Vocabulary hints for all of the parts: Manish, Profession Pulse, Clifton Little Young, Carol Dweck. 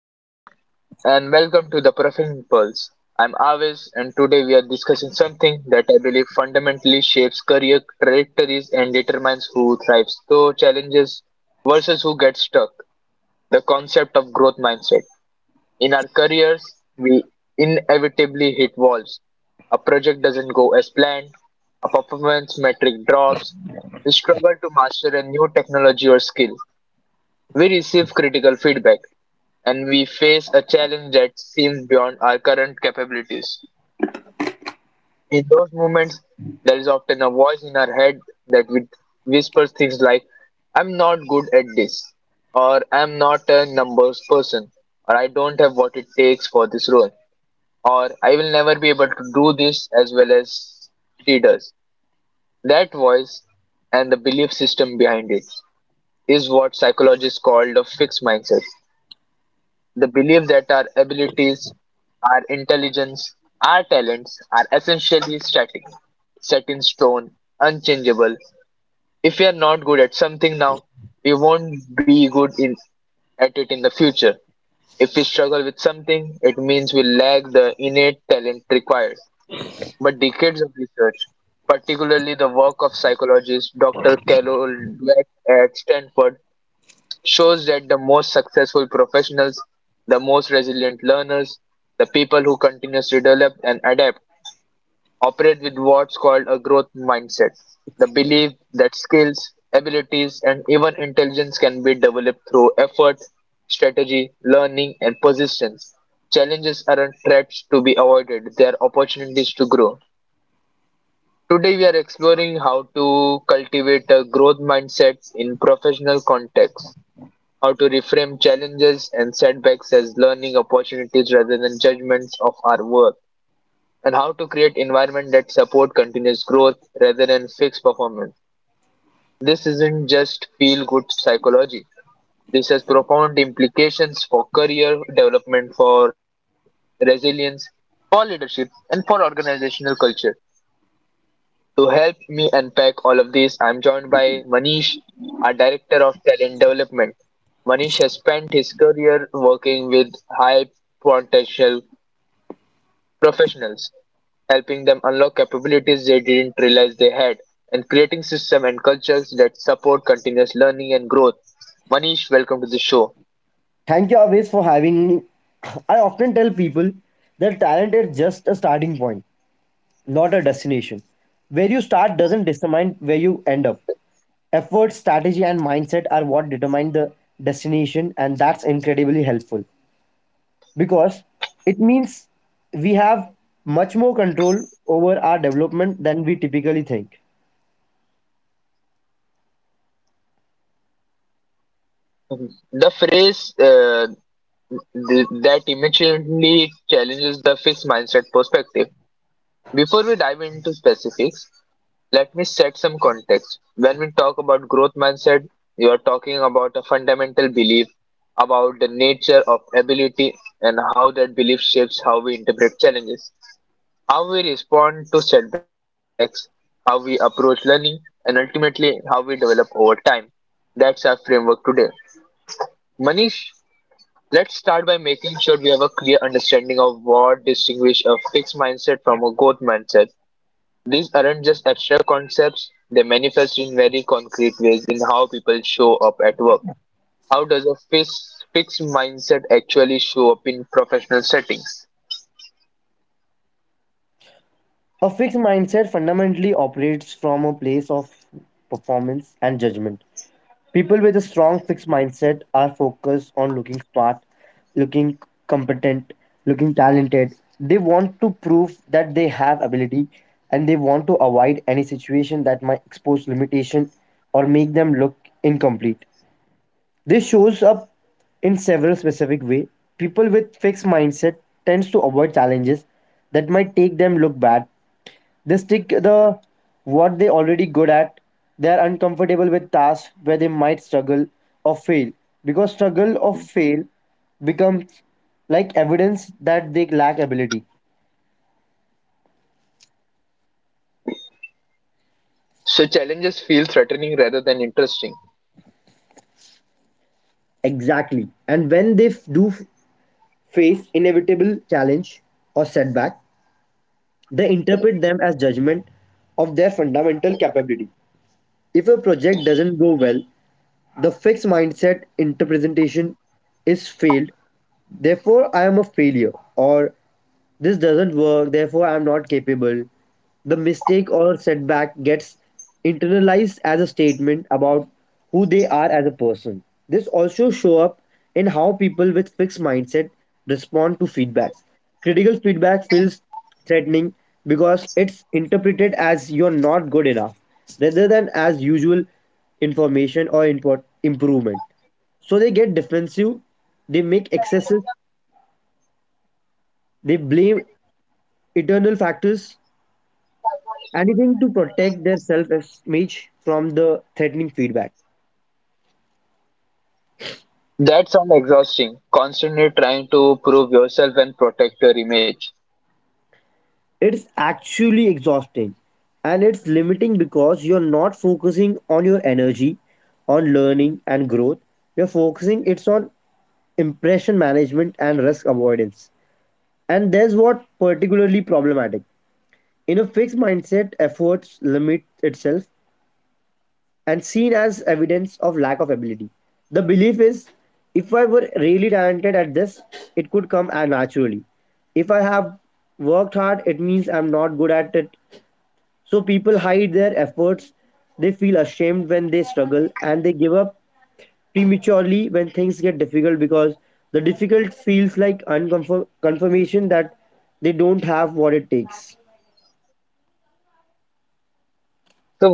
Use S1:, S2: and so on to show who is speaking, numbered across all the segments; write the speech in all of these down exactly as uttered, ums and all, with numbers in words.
S1: Hello and welcome to the Profession Pulse. I'm Aves and today we are discussing something that I believe fundamentally shapes career trajectories and determines who thrives through challenges versus who gets stuck. The concept of growth mindset. In our careers, we inevitably hit walls. A project doesn't go as planned, a performance metric drops, we struggle to master a new technology or skill. We receive critical feedback, and we face a challenge that seems beyond our current capabilities. In those moments, there is often a voice in our head that whis- whispers things like, I'm not good at this, or I'm not a numbers person, or I don't have what it takes for this role, or I will never be able to do this as well as she does. That voice and the belief system behind it is what psychologists call the fixed mindset. The belief that our abilities, our intelligence, our talents are essentially static, set in stone, unchangeable. If we are not good at something now, we won't be good in, at it in the future. If we struggle with something, it means we lack the innate talent required. But decades of research, particularly the work of psychologist Doctor Carol Dweck at Stanford, shows that the most successful professionals, the most resilient learners, the people who continuously develop and adapt operate with what's called a growth mindset, the belief that skills, abilities, and even intelligence can be developed through effort, strategy, learning, and persistence. Challenges aren't threats to be avoided, they are opportunities to grow. Today, we are exploring how to cultivate a growth mindset in professional contexts, how to reframe challenges and setbacks as learning opportunities rather than judgments of our worth, and how to create environment that support continuous growth rather than fixed performance. This isn't just feel good psychology. This has profound implications for career development, for resilience, for leadership, and for organizational culture. To help me unpack all of this, I'm joined by Manish, our Director of Talent Development. Manish has spent his career working with high potential professionals, helping them unlock capabilities they didn't realize they had, and creating systems and cultures that support continuous learning and growth. Manish, welcome to the show.
S2: Thank you always for having me. I often tell people that talent is just a starting point, not a destination. Where you start doesn't determine where you end up. Effort, strategy, and mindset are what determine the destination, and that's incredibly helpful because it means we have much more control over our development than we typically think.
S1: The phrase uh, th- that immediately challenges the fixed mindset perspective. Before we dive into specifics, let me set some context. When we talk about growth mindset, you are talking about a fundamental belief about the nature of ability and how that belief shapes how we interpret challenges, how we respond to setbacks, how we approach learning, and ultimately how we develop over time. That's our framework today. Manish, let's start by making sure we have a clear understanding of what distinguishes a fixed mindset from a growth mindset. These aren't just abstract concepts, they manifest in very concrete ways in how people show up at work. How does a fixed, fixed mindset actually show up in professional settings?
S2: A fixed mindset fundamentally operates from a place of performance and judgment. People with a strong fixed mindset are focused on looking smart, looking competent, looking talented. They want to prove that they have ability and they want to avoid any situation that might expose limitation or make them look incomplete. This shows up in several specific ways. People with fixed mindset tends to avoid challenges that might take them look bad, they stick the what they already good at. They are uncomfortable with tasks where they might struggle or fail because struggle or fail becomes like evidence that they lack ability.
S1: So challenges feel threatening rather than interesting.
S2: Exactly. And when they f- do f- face inevitable challenge or setback, they interpret them as judgment of their fundamental capability. If a project doesn't go well, the fixed mindset interpretation is failed. Therefore, I am a failure, or this doesn't work, therefore, I am not capable. The mistake or setback gets internalized as a statement about who they are as a person. This also show up in how people with fixed mindset respond to feedbacks. Critical feedback feels threatening because it's interpreted as you're not good enough rather than as usual information or import improvement. So they get defensive, they make excesses, they blame internal factors, anything to protect their self-image from the threatening feedback.
S1: That sounds exhausting, constantly trying to prove yourself and protect your image.
S2: It's actually exhausting and it's limiting because you're not focusing on your energy, on learning and growth. You're focusing it's on impression management and risk avoidance. And there's what particularly problematic. In a fixed mindset, efforts limit itself and seen as evidence of lack of ability. The belief is, if I were really talented at this, it could come uh, naturally. If I have worked hard, it means I'm not good at it. So people hide their efforts, they feel ashamed when they struggle, and they give up prematurely when things get difficult because the difficult feels like unconfirmation that they don't have what it takes.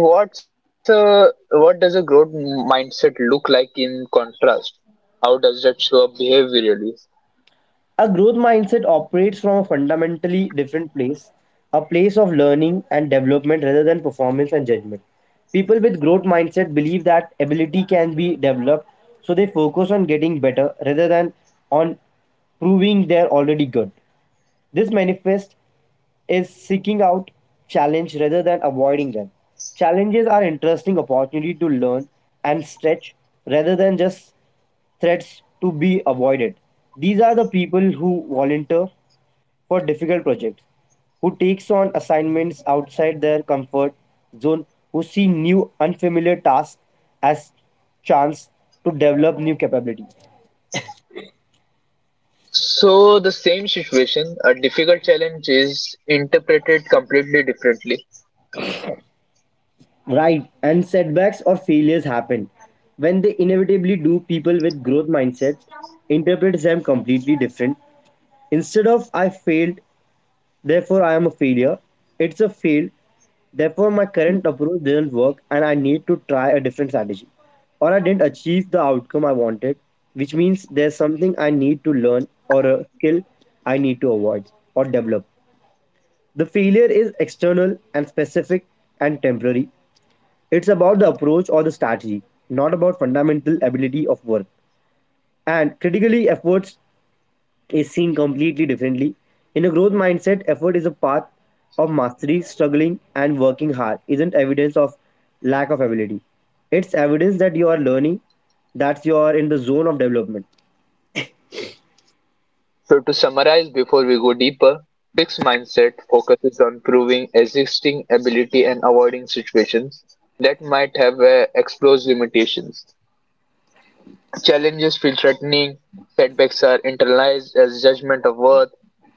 S1: So what's a, what does a growth mindset look like in contrast? How does that show up behaviorally?
S2: A growth mindset operates from a fundamentally different place, a place of learning and development rather than performance and judgment. People with growth mindset believe that ability can be developed, so they focus on getting better rather than on proving they're already good. This manifest is seeking out challenge rather than avoiding them. Challenges are interesting opportunity to learn and stretch rather than just threats to be avoided. These are the people who volunteer for difficult projects, who takes on assignments outside their comfort zone, who see new unfamiliar tasks as chance to develop new capability.
S1: So, the same situation, a difficult challenge is interpreted completely differently.
S2: Right, and setbacks or failures happen. When they inevitably do, people with growth mindsets interpret them completely different. Instead of I failed, therefore, I am a failure, it's a fail, therefore, my current approach didn't work and I need to try a different strategy. Or I didn't achieve the outcome I wanted, which means there's something I need to learn or a skill I need to avoid or develop. The failure is external and specific and temporary. It's about the approach or the strategy, not about fundamental ability of work. And critically, efforts is seen completely differently. In a growth mindset, effort is a path of mastery, struggling, and working hard isn't evidence of lack of ability. It's evidence that you are learning, that you are in the zone of development.
S1: So, to summarize before we go deeper, fixed mindset focuses on proving existing ability and avoiding situations that might have uh, exposed limitations. Challenges feel threatening, setbacks are internalized as judgment of worth,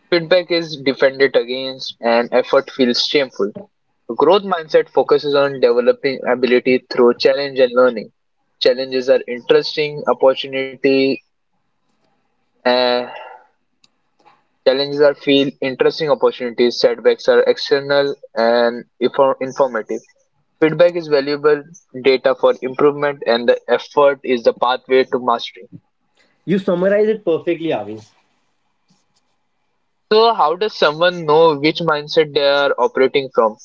S1: feedback is defended against, and effort feels shameful. Growth mindset focuses on developing ability through challenge and learning. Challenges are interesting opportunity. Uh, challenges are feel interesting opportunities. Setbacks are external and infor- informative. Feedback is valuable data for improvement, and the effort is the pathway to mastery.
S2: You summarize it perfectly, Avis.
S1: So, how does someone know which mindset they are operating from?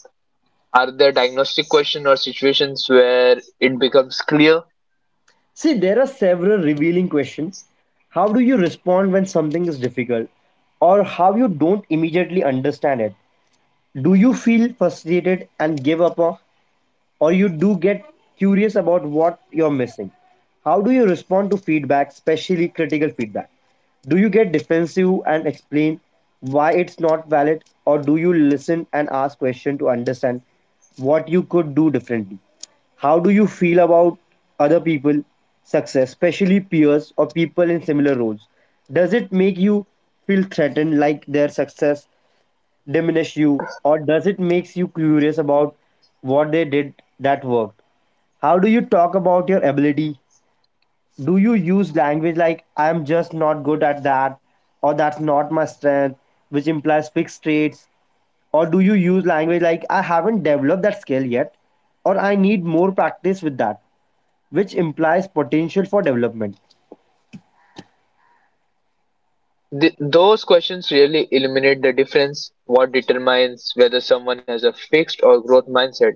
S1: Are there diagnostic questions or situations where it becomes clear?
S2: See, there are several revealing questions. How do you respond when something is difficult? Or how you don't immediately understand it? Do you feel frustrated and give up, or you do get curious about what you're missing? How do you respond to feedback, especially critical feedback? Do you get defensive and explain why it's not valid, or do you listen and ask questions to understand what you could do differently? How do you feel about other people' success, especially peers or people in similar roles? Does it make you feel threatened like their success diminish you, or does it makes you curious about what they did that worked? How do you talk about your ability? Do you use language like I'm just not good at that, or that's not my strength, which implies fixed traits, or do you use language like I haven't developed that skill yet, or I need more practice with that, which implies potential for development?
S1: Th- Those questions really illuminate the difference. What determines whether someone has a fixed or growth mindset?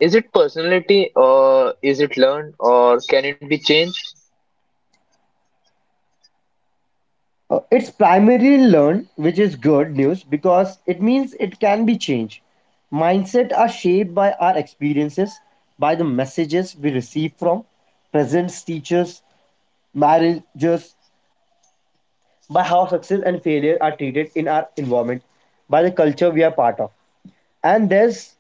S1: Is it personality, or is it learned, or can it be changed?
S2: Uh, it's primarily learned, which is good news because it means it can be changed. Mindset are shaped by our experiences, by the messages we receive from presents, teachers, marriages, by how success and failure are treated in our environment, by the culture we are part of. And there's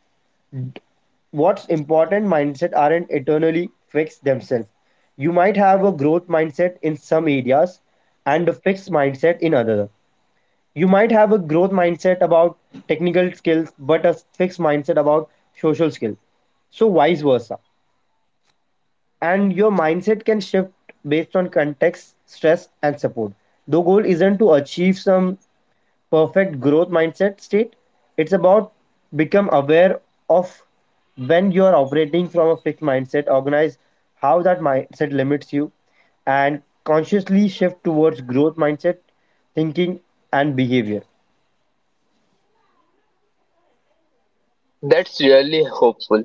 S2: what's important, mindset aren't eternally fixed themselves. You might have a growth mindset in some areas and a fixed mindset in others. You might have a growth mindset about technical skills but a fixed mindset about social skill, so vice versa. And your mindset can shift based on context, stress, and support. The goal isn't to achieve some perfect growth mindset state, it's about become aware of when you are operating from a fixed mindset, organize how that mindset limits you, and consciously shift towards growth mindset thinking and behavior.
S1: That's really hopeful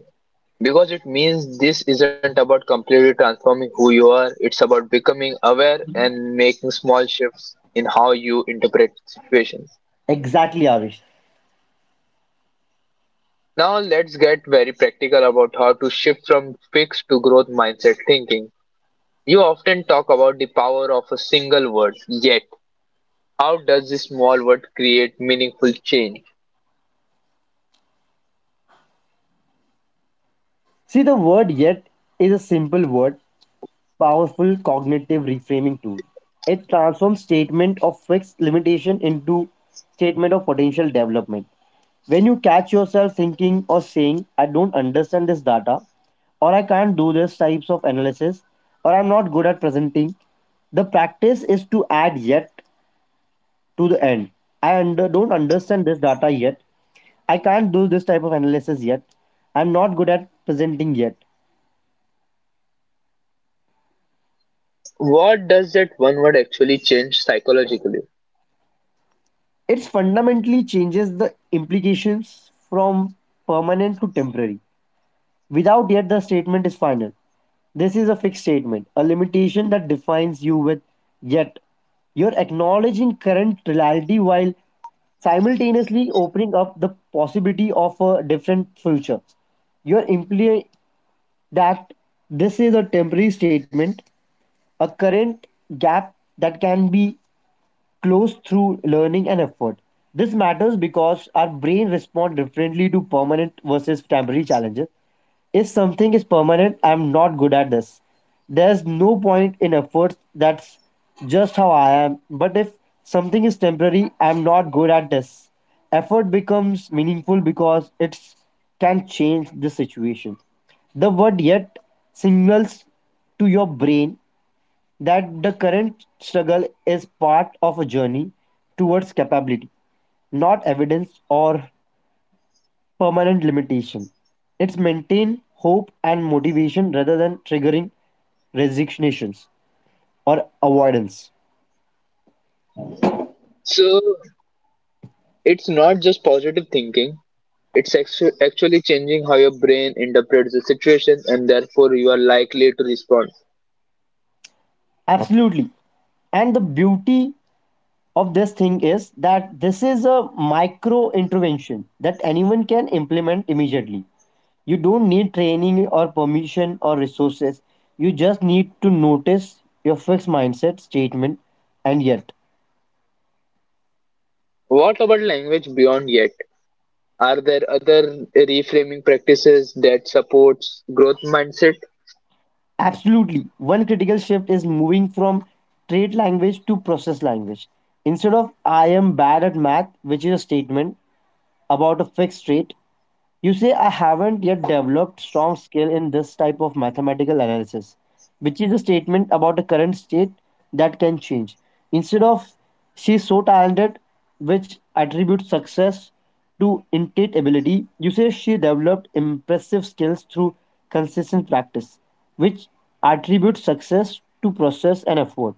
S1: because it means this isn't about completely transforming who you are, it's about becoming aware and making small shifts in how you interpret situations.
S2: Exactly, Avish.
S1: Now, let's get very practical about how to shift from fixed to growth mindset thinking. You often talk about the power of a single word, yet, how does this small word create meaningful change?
S2: See, the word yet is a simple word, powerful cognitive reframing tool. It transforms statement of fixed limitation into statement of potential development. When you catch yourself thinking or saying, I don't understand this data, or I can't do this types of analysis, or I'm not good at presenting, the practice is to add yet to the end. I under, don't understand this data yet. I can't do this type of analysis yet. I'm not good at presenting yet.
S1: What does that one word actually change psychologically?
S2: It fundamentally changes the implications from permanent to temporary. Without yet, the statement is final. This is a fixed statement, a limitation that defines you. With yet, you're acknowledging current reality while simultaneously opening up the possibility of a different future. You're implying that this is a temporary statement, a current gap that can be close through learning and effort. This matters because our brain responds differently to permanent versus temporary challenges. If something is permanent, I'm not good at this, there's no point in efforts. That's just how I am. But if something is temporary, I'm not good at this, effort becomes meaningful because it can change the situation. The word yet signals to your brain that the current struggle is part of a journey towards capability, not evidence or permanent limitation. It's maintain hope and motivation rather than triggering resignations or avoidance.
S1: So, it's not just positive thinking, it's actu- actually changing how your brain interprets the situation and therefore you are likely to respond.
S2: Absolutely. And the beauty of this thing is that this is a micro intervention that anyone can implement immediately. You don't need training or permission or resources. You just need to notice your fixed mindset statement and yet.
S1: What about language beyond yet? Are there other reframing practices that supports growth mindset?
S2: Absolutely. One critical shift is moving from trait language to process language. Instead of I am bad at math, which is a statement about a fixed trait, you say I haven't yet developed strong skill in this type of mathematical analysis, which is a statement about a current state that can change. Instead of she's so talented, which attributes success to innate ability, you say she developed impressive skills through consistent practice, which attributes success to process and effort.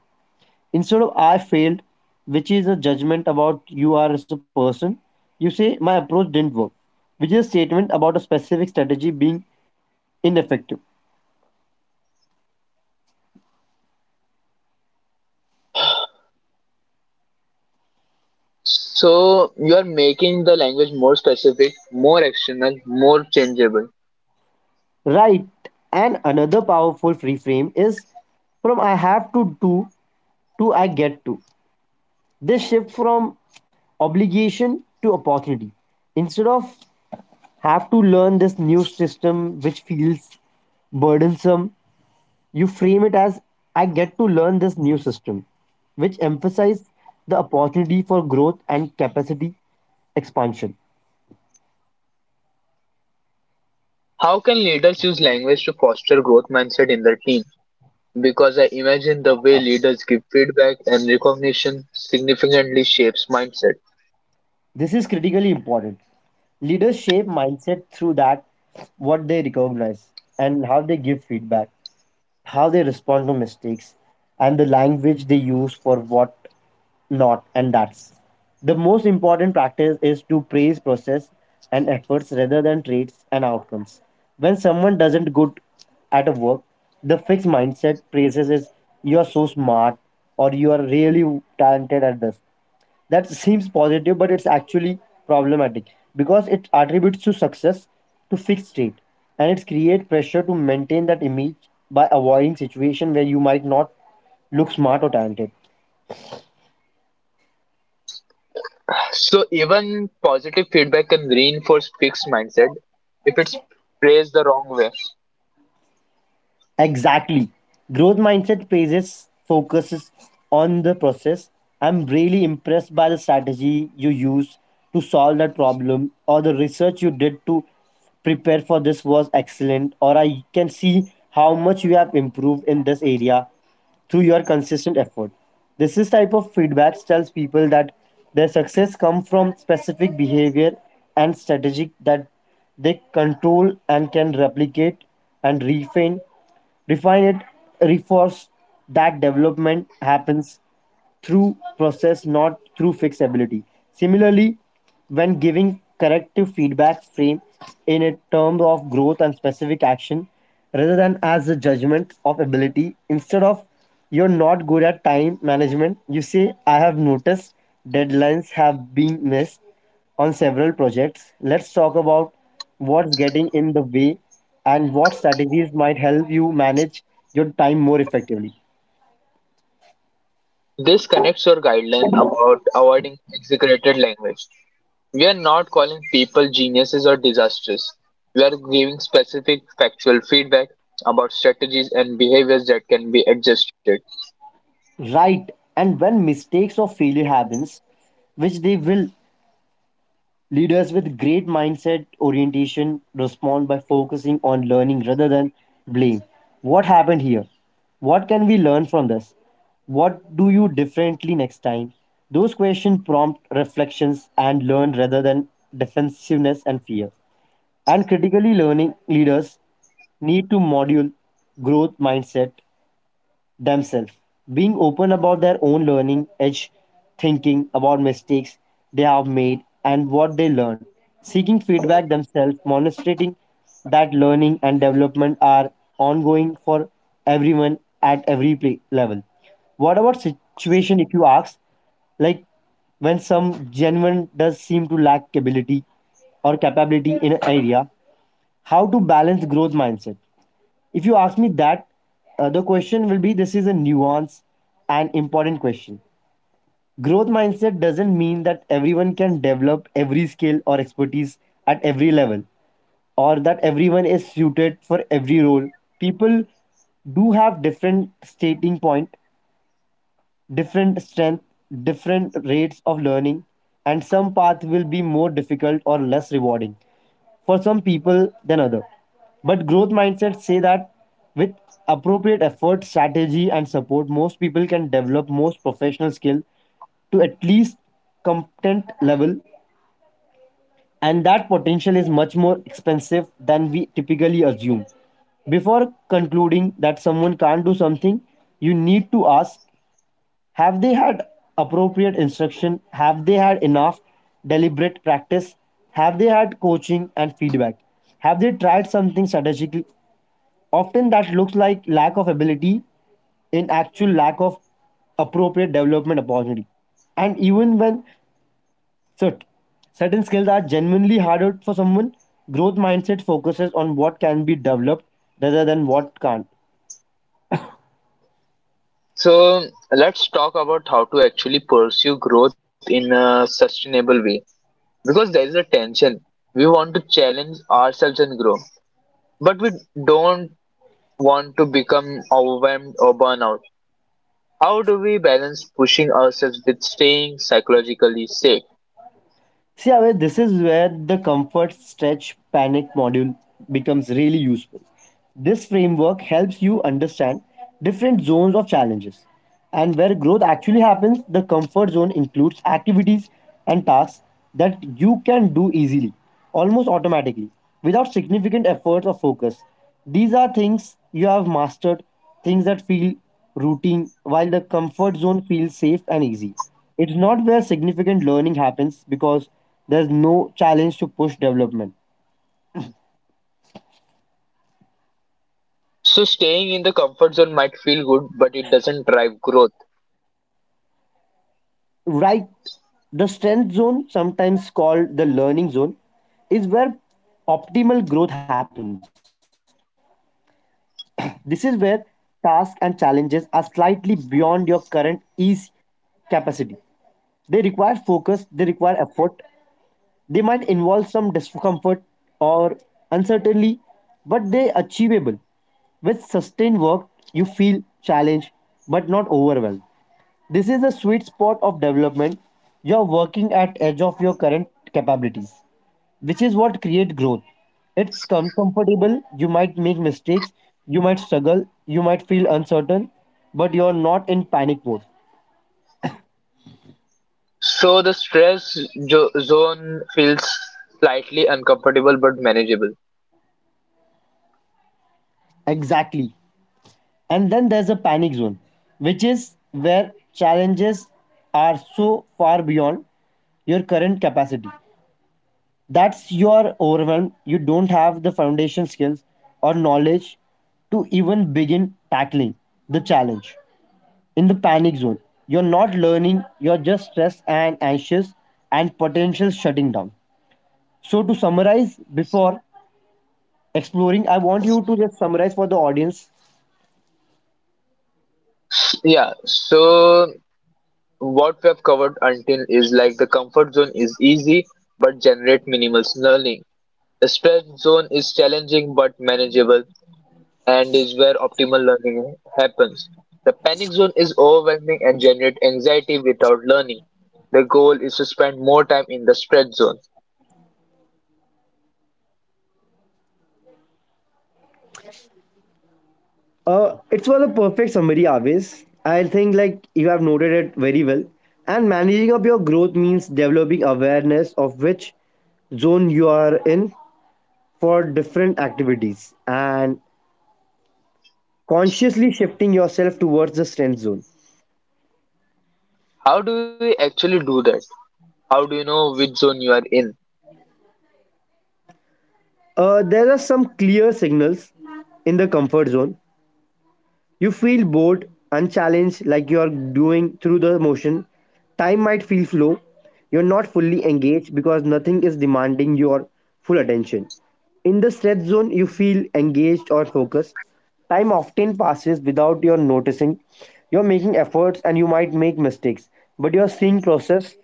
S2: Instead of I failed, which is a judgment about you are as a person, you say my approach didn't work, which is a statement about a specific strategy being ineffective.
S1: So you are making the language more specific, more external, more changeable.
S2: Right. And another powerful reframe is from I have to do to I get to. This shift from obligation to opportunity. Instead of have to learn this new system which feels burdensome, you frame it as I get to learn this new system, which emphasizes the opportunity for growth and capacity expansion.
S1: How can leaders use language to foster growth mindset in their team? Because I imagine the way leaders give feedback and recognition significantly shapes mindset.
S2: This is critically important. Leaders shape mindset through that, what they recognize, and how they give feedback, how they respond to mistakes, and the language they use for what not and that's. The most important practice is to praise process and efforts rather than traits and outcomes. When someone doesn't good at a work, the fixed mindset praises is you're so smart or you are really talented at this. That seems positive but it's actually problematic because it attributes to success to fixed state and it creates pressure to maintain that image by avoiding situation where you might not look smart or talented.
S1: So even positive feedback can reinforce fixed mindset if it's praised the wrong way.
S2: Exactly. Growth mindset phases focuses on the process. I'm really impressed by the strategy you used to solve that problem, or the research you did to prepare for this was excellent, or I can see how much you have improved in this area through your consistent effort. This is type of feedback tells people that their success comes from specific behavior and strategic that they control and can replicate and refine refine it, reinforce that development happens through process, not through fixability. Similarly, when giving corrective feedback, frame in a term of growth and specific action rather than as a judgment of ability. Instead of you're not good at time management, you say, I have noticed deadlines have been missed on several projects. Let's talk about what's getting in the way and what strategies might help you manage your time more effectively.
S1: This connects your guideline about avoiding exaggerated language. We are not calling people geniuses or disasters. We are giving specific factual feedback about strategies and behaviors that can be adjusted.
S2: Right, and when mistakes or failure happens, which they will, leaders with great mindset orientation respond by focusing on learning rather than blame. What happened here? What can we learn from this? What do you differently next time? Those questions prompt reflections and learn rather than defensiveness and fear. And critically learning leaders need to module growth mindset themselves. Being open about their own learning edge, thinking about mistakes they have made and what they learned, seeking feedback themselves, demonstrating that learning and development are ongoing for everyone at every play- level. What about situation if you ask? Like when some genuine does seem to lack ability or capability in an area, how to balance growth mindset? If you ask me that, uh, the question will be this is a nuance and important question. Growth mindset doesn't mean that everyone can develop every skill or expertise at every level or that everyone is suited for every role. People do have different starting point different strength, different rates of learning, and some path will be more difficult or less rewarding for some people than other. But growth mindsets say that with appropriate effort, strategy, and support, most people can develop most professional skill to at least competent level, and that potential is much more expensive than we typically assume. Before concluding that someone can't do something, you need to ask have they had appropriate instruction? Have they had enough deliberate practice? Have they had coaching and feedback? Have they tried something strategically? Often that looks like lack of ability in actual lack of appropriate development opportunity. And even when cert- certain skills are genuinely harder for someone, growth mindset focuses on what can be developed rather than what can't.
S1: So, let's talk about how to actually pursue growth in a sustainable way because there is a tension. We want to challenge ourselves and grow, but we don't want to become overwhelmed or burn out. How do we balance pushing ourselves with staying psychologically safe?
S2: See, I mean, this is where the comfort stretch panic module becomes really useful. This framework helps you understand different zones of challenges and where growth actually happens. The comfort zone includes activities and tasks that you can do easily, almost automatically, without significant effort or focus. These are things you have mastered, things that feel routine, while the comfort zone feels safe and easy. It's not where significant learning happens because there's no challenge to push development.
S1: So staying in the comfort zone might feel good, but it doesn't drive growth.
S2: Right, the strength zone, sometimes called the learning zone, is where optimal growth happens. This is where tasks and challenges are slightly beyond your current ease capacity. They require focus, they require effort, they might involve some discomfort or uncertainty, but they achievable. With sustained work, you feel challenged but not overwhelmed. This is a sweet spot of development. You're working at edge of your current capabilities, which is what create growth. It's uncomfortable, you might make mistakes, you might struggle, you might feel uncertain, but you're not in panic mode.
S1: So the stress jo- zone feels slightly uncomfortable but manageable.
S2: Exactly. And then there's a panic zone, which is where challenges are so far beyond your current capacity that's you are overwhelmed, you don't have the foundation skills or knowledge to even begin tackling the challenge in the panic zone, you're not learning, you're just stressed and anxious and potential shutting down. So to summarize before exploring, I want you to just summarize for the audience.
S1: Yeah, so what we have covered until is like the comfort zone is easy but generate minimal learning. The stress zone is challenging but manageable and is where optimal learning happens. The panic zone is overwhelming and generate anxiety without learning. The goal is to spend more time in the stress zone.
S2: Uh, it was a perfect summary always. I think like you have noted it very well, and managing up your growth means developing awareness of which zone you are in for different activities and consciously shifting yourself towards the strength zone.
S1: How do you actually do that? How do you know which zone you are in?
S2: Uh, there are some clear signals in the comfort zone. You feel bored, unchallenged, like you are doing through the motion. Time might feel slow. You're not fully engaged because nothing is demanding your full attention. In the stress zone, you feel engaged or focused. Time often passes without your noticing. You're making efforts and you might make mistakes, but you're seeing process.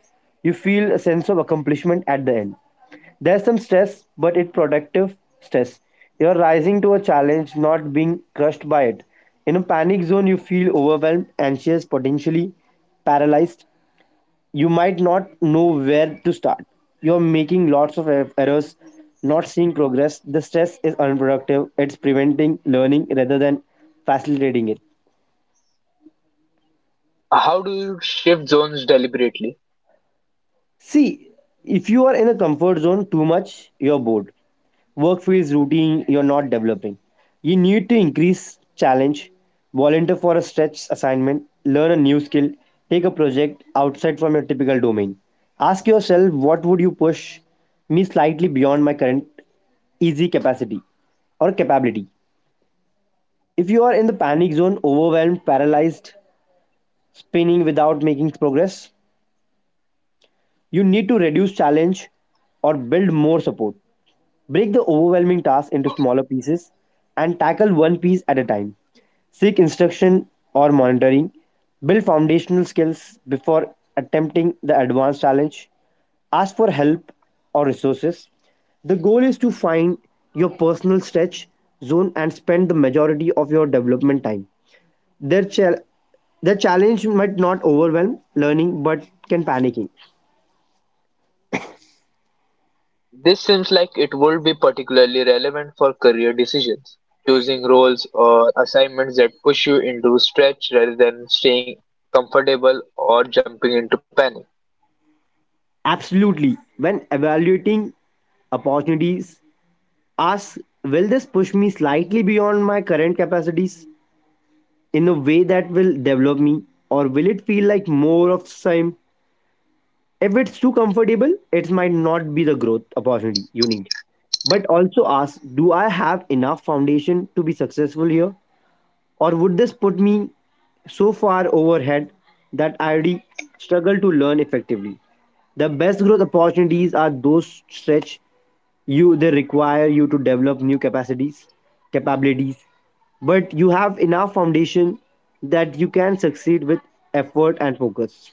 S2: You feel a sense of accomplishment at the end. There's some stress, but it's productive stress. You're rising to a challenge, not being crushed by it. In a panic zone, you feel overwhelmed, anxious, potentially paralyzed, you might not know where to start. You're making lots of er- errors, not seeing progress. The stress is unproductive. It's preventing learning rather than facilitating it.
S1: How do you shift zones deliberately?
S2: See, if you are in a comfort zone too much, you're bored. Work feels routine, you're not developing. You need to increase challenge, volunteer for a stretch assignment, learn a new skill, take a project outside from your typical domain. Ask yourself what would you push me slightly beyond my current easy capacity or capability. If you are in the panic zone, overwhelmed, paralyzed, spinning without making progress, you need to reduce challenge or build more support. Break the overwhelming task into smaller pieces and tackle one piece at a time. Seek instruction or monitoring. Build foundational skills before attempting the advanced challenge. Ask for help or resources. The goal is to find your personal stretch zone and spend the majority of your development time. Their, chal- the challenge might not overwhelm learning but can panicking.
S1: This seems like it would be particularly relevant for career decisions, choosing roles or assignments that push you into stretch rather than staying comfortable or jumping into panic.
S2: Absolutely. When evaluating opportunities, ask, will this push me slightly beyond my current capacities in a way that will develop me, or will it feel like more of same? If it's too comfortable, it might not be the growth opportunity you need. But also ask, do I have enough foundation to be successful here? Or would this put me so far overhead that I already struggle to learn effectively? The best growth opportunities are those stretch you, they require you to develop new capacities, capabilities, but you have enough foundation that you can succeed with effort and focus.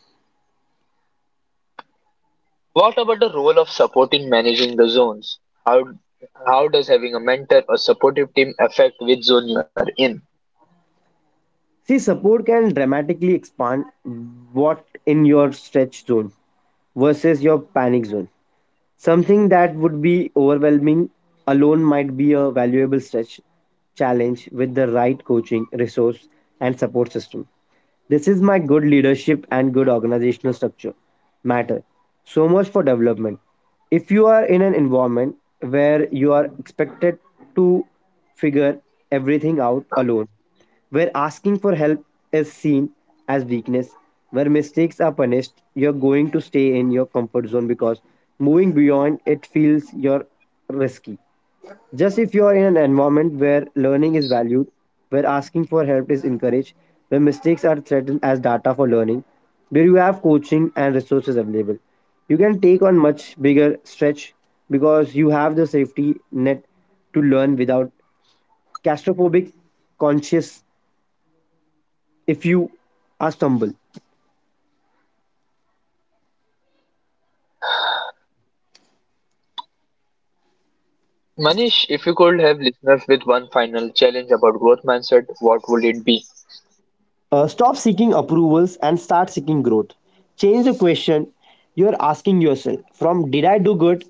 S1: What about the role of supporting managing the zones? How how does having a mentor or supportive team affect which zone you are in?
S2: See, support can dramatically expand what in your stretch zone versus your panic zone. Something that would be overwhelming alone might be a valuable stretch challenge with the right coaching, resource, and support system. This is my good leadership and good organizational structure matter so much for development. If you are in an environment where you are expected to figure everything out alone, where asking for help is seen as weakness, where mistakes are punished, you're going to stay in your comfort zone because moving beyond it feels you're risky. Just if you are in an environment where learning is valued, where asking for help is encouraged, where mistakes are threatened as data for learning, where you have coaching and resources available, you can take on much bigger stretch because you have the safety net to learn without claustrophobic conscious if you are stumble.
S1: Manish, if you could have listeners with one final challenge about growth mindset, what would it be?
S2: Uh, stop seeking approvals and start seeking growth. Change the question you're asking yourself from did I do good,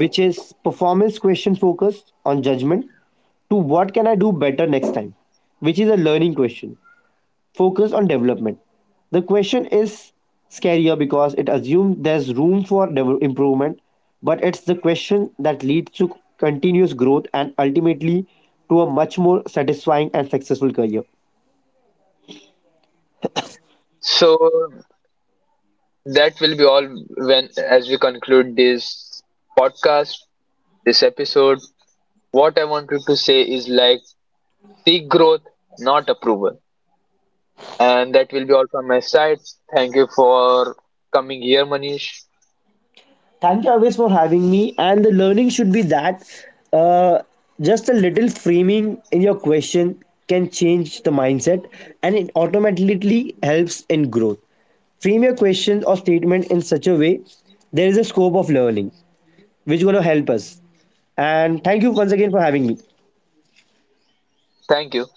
S2: which is performance question focused on judgment, to what can I do better next time, which is a learning question focused on development. The question is scarier because it assumes there's room for dev- improvement, but it's the question that leads to continuous growth and ultimately to a much more satisfying and successful career.
S1: So that will be all when as we conclude this podcast, this episode. What I wanted to say is like seek growth, not approval. And that will be all from my side. Thank you for coming here, Manish.
S2: Thank you always for having me. And the learning should be that uh, just a little framing in your question can change the mindset and it automatically helps in growth. Frame your question or statement in such a way there is a scope of learning which is going to help us. And thank you once again for having me.
S1: Thank you.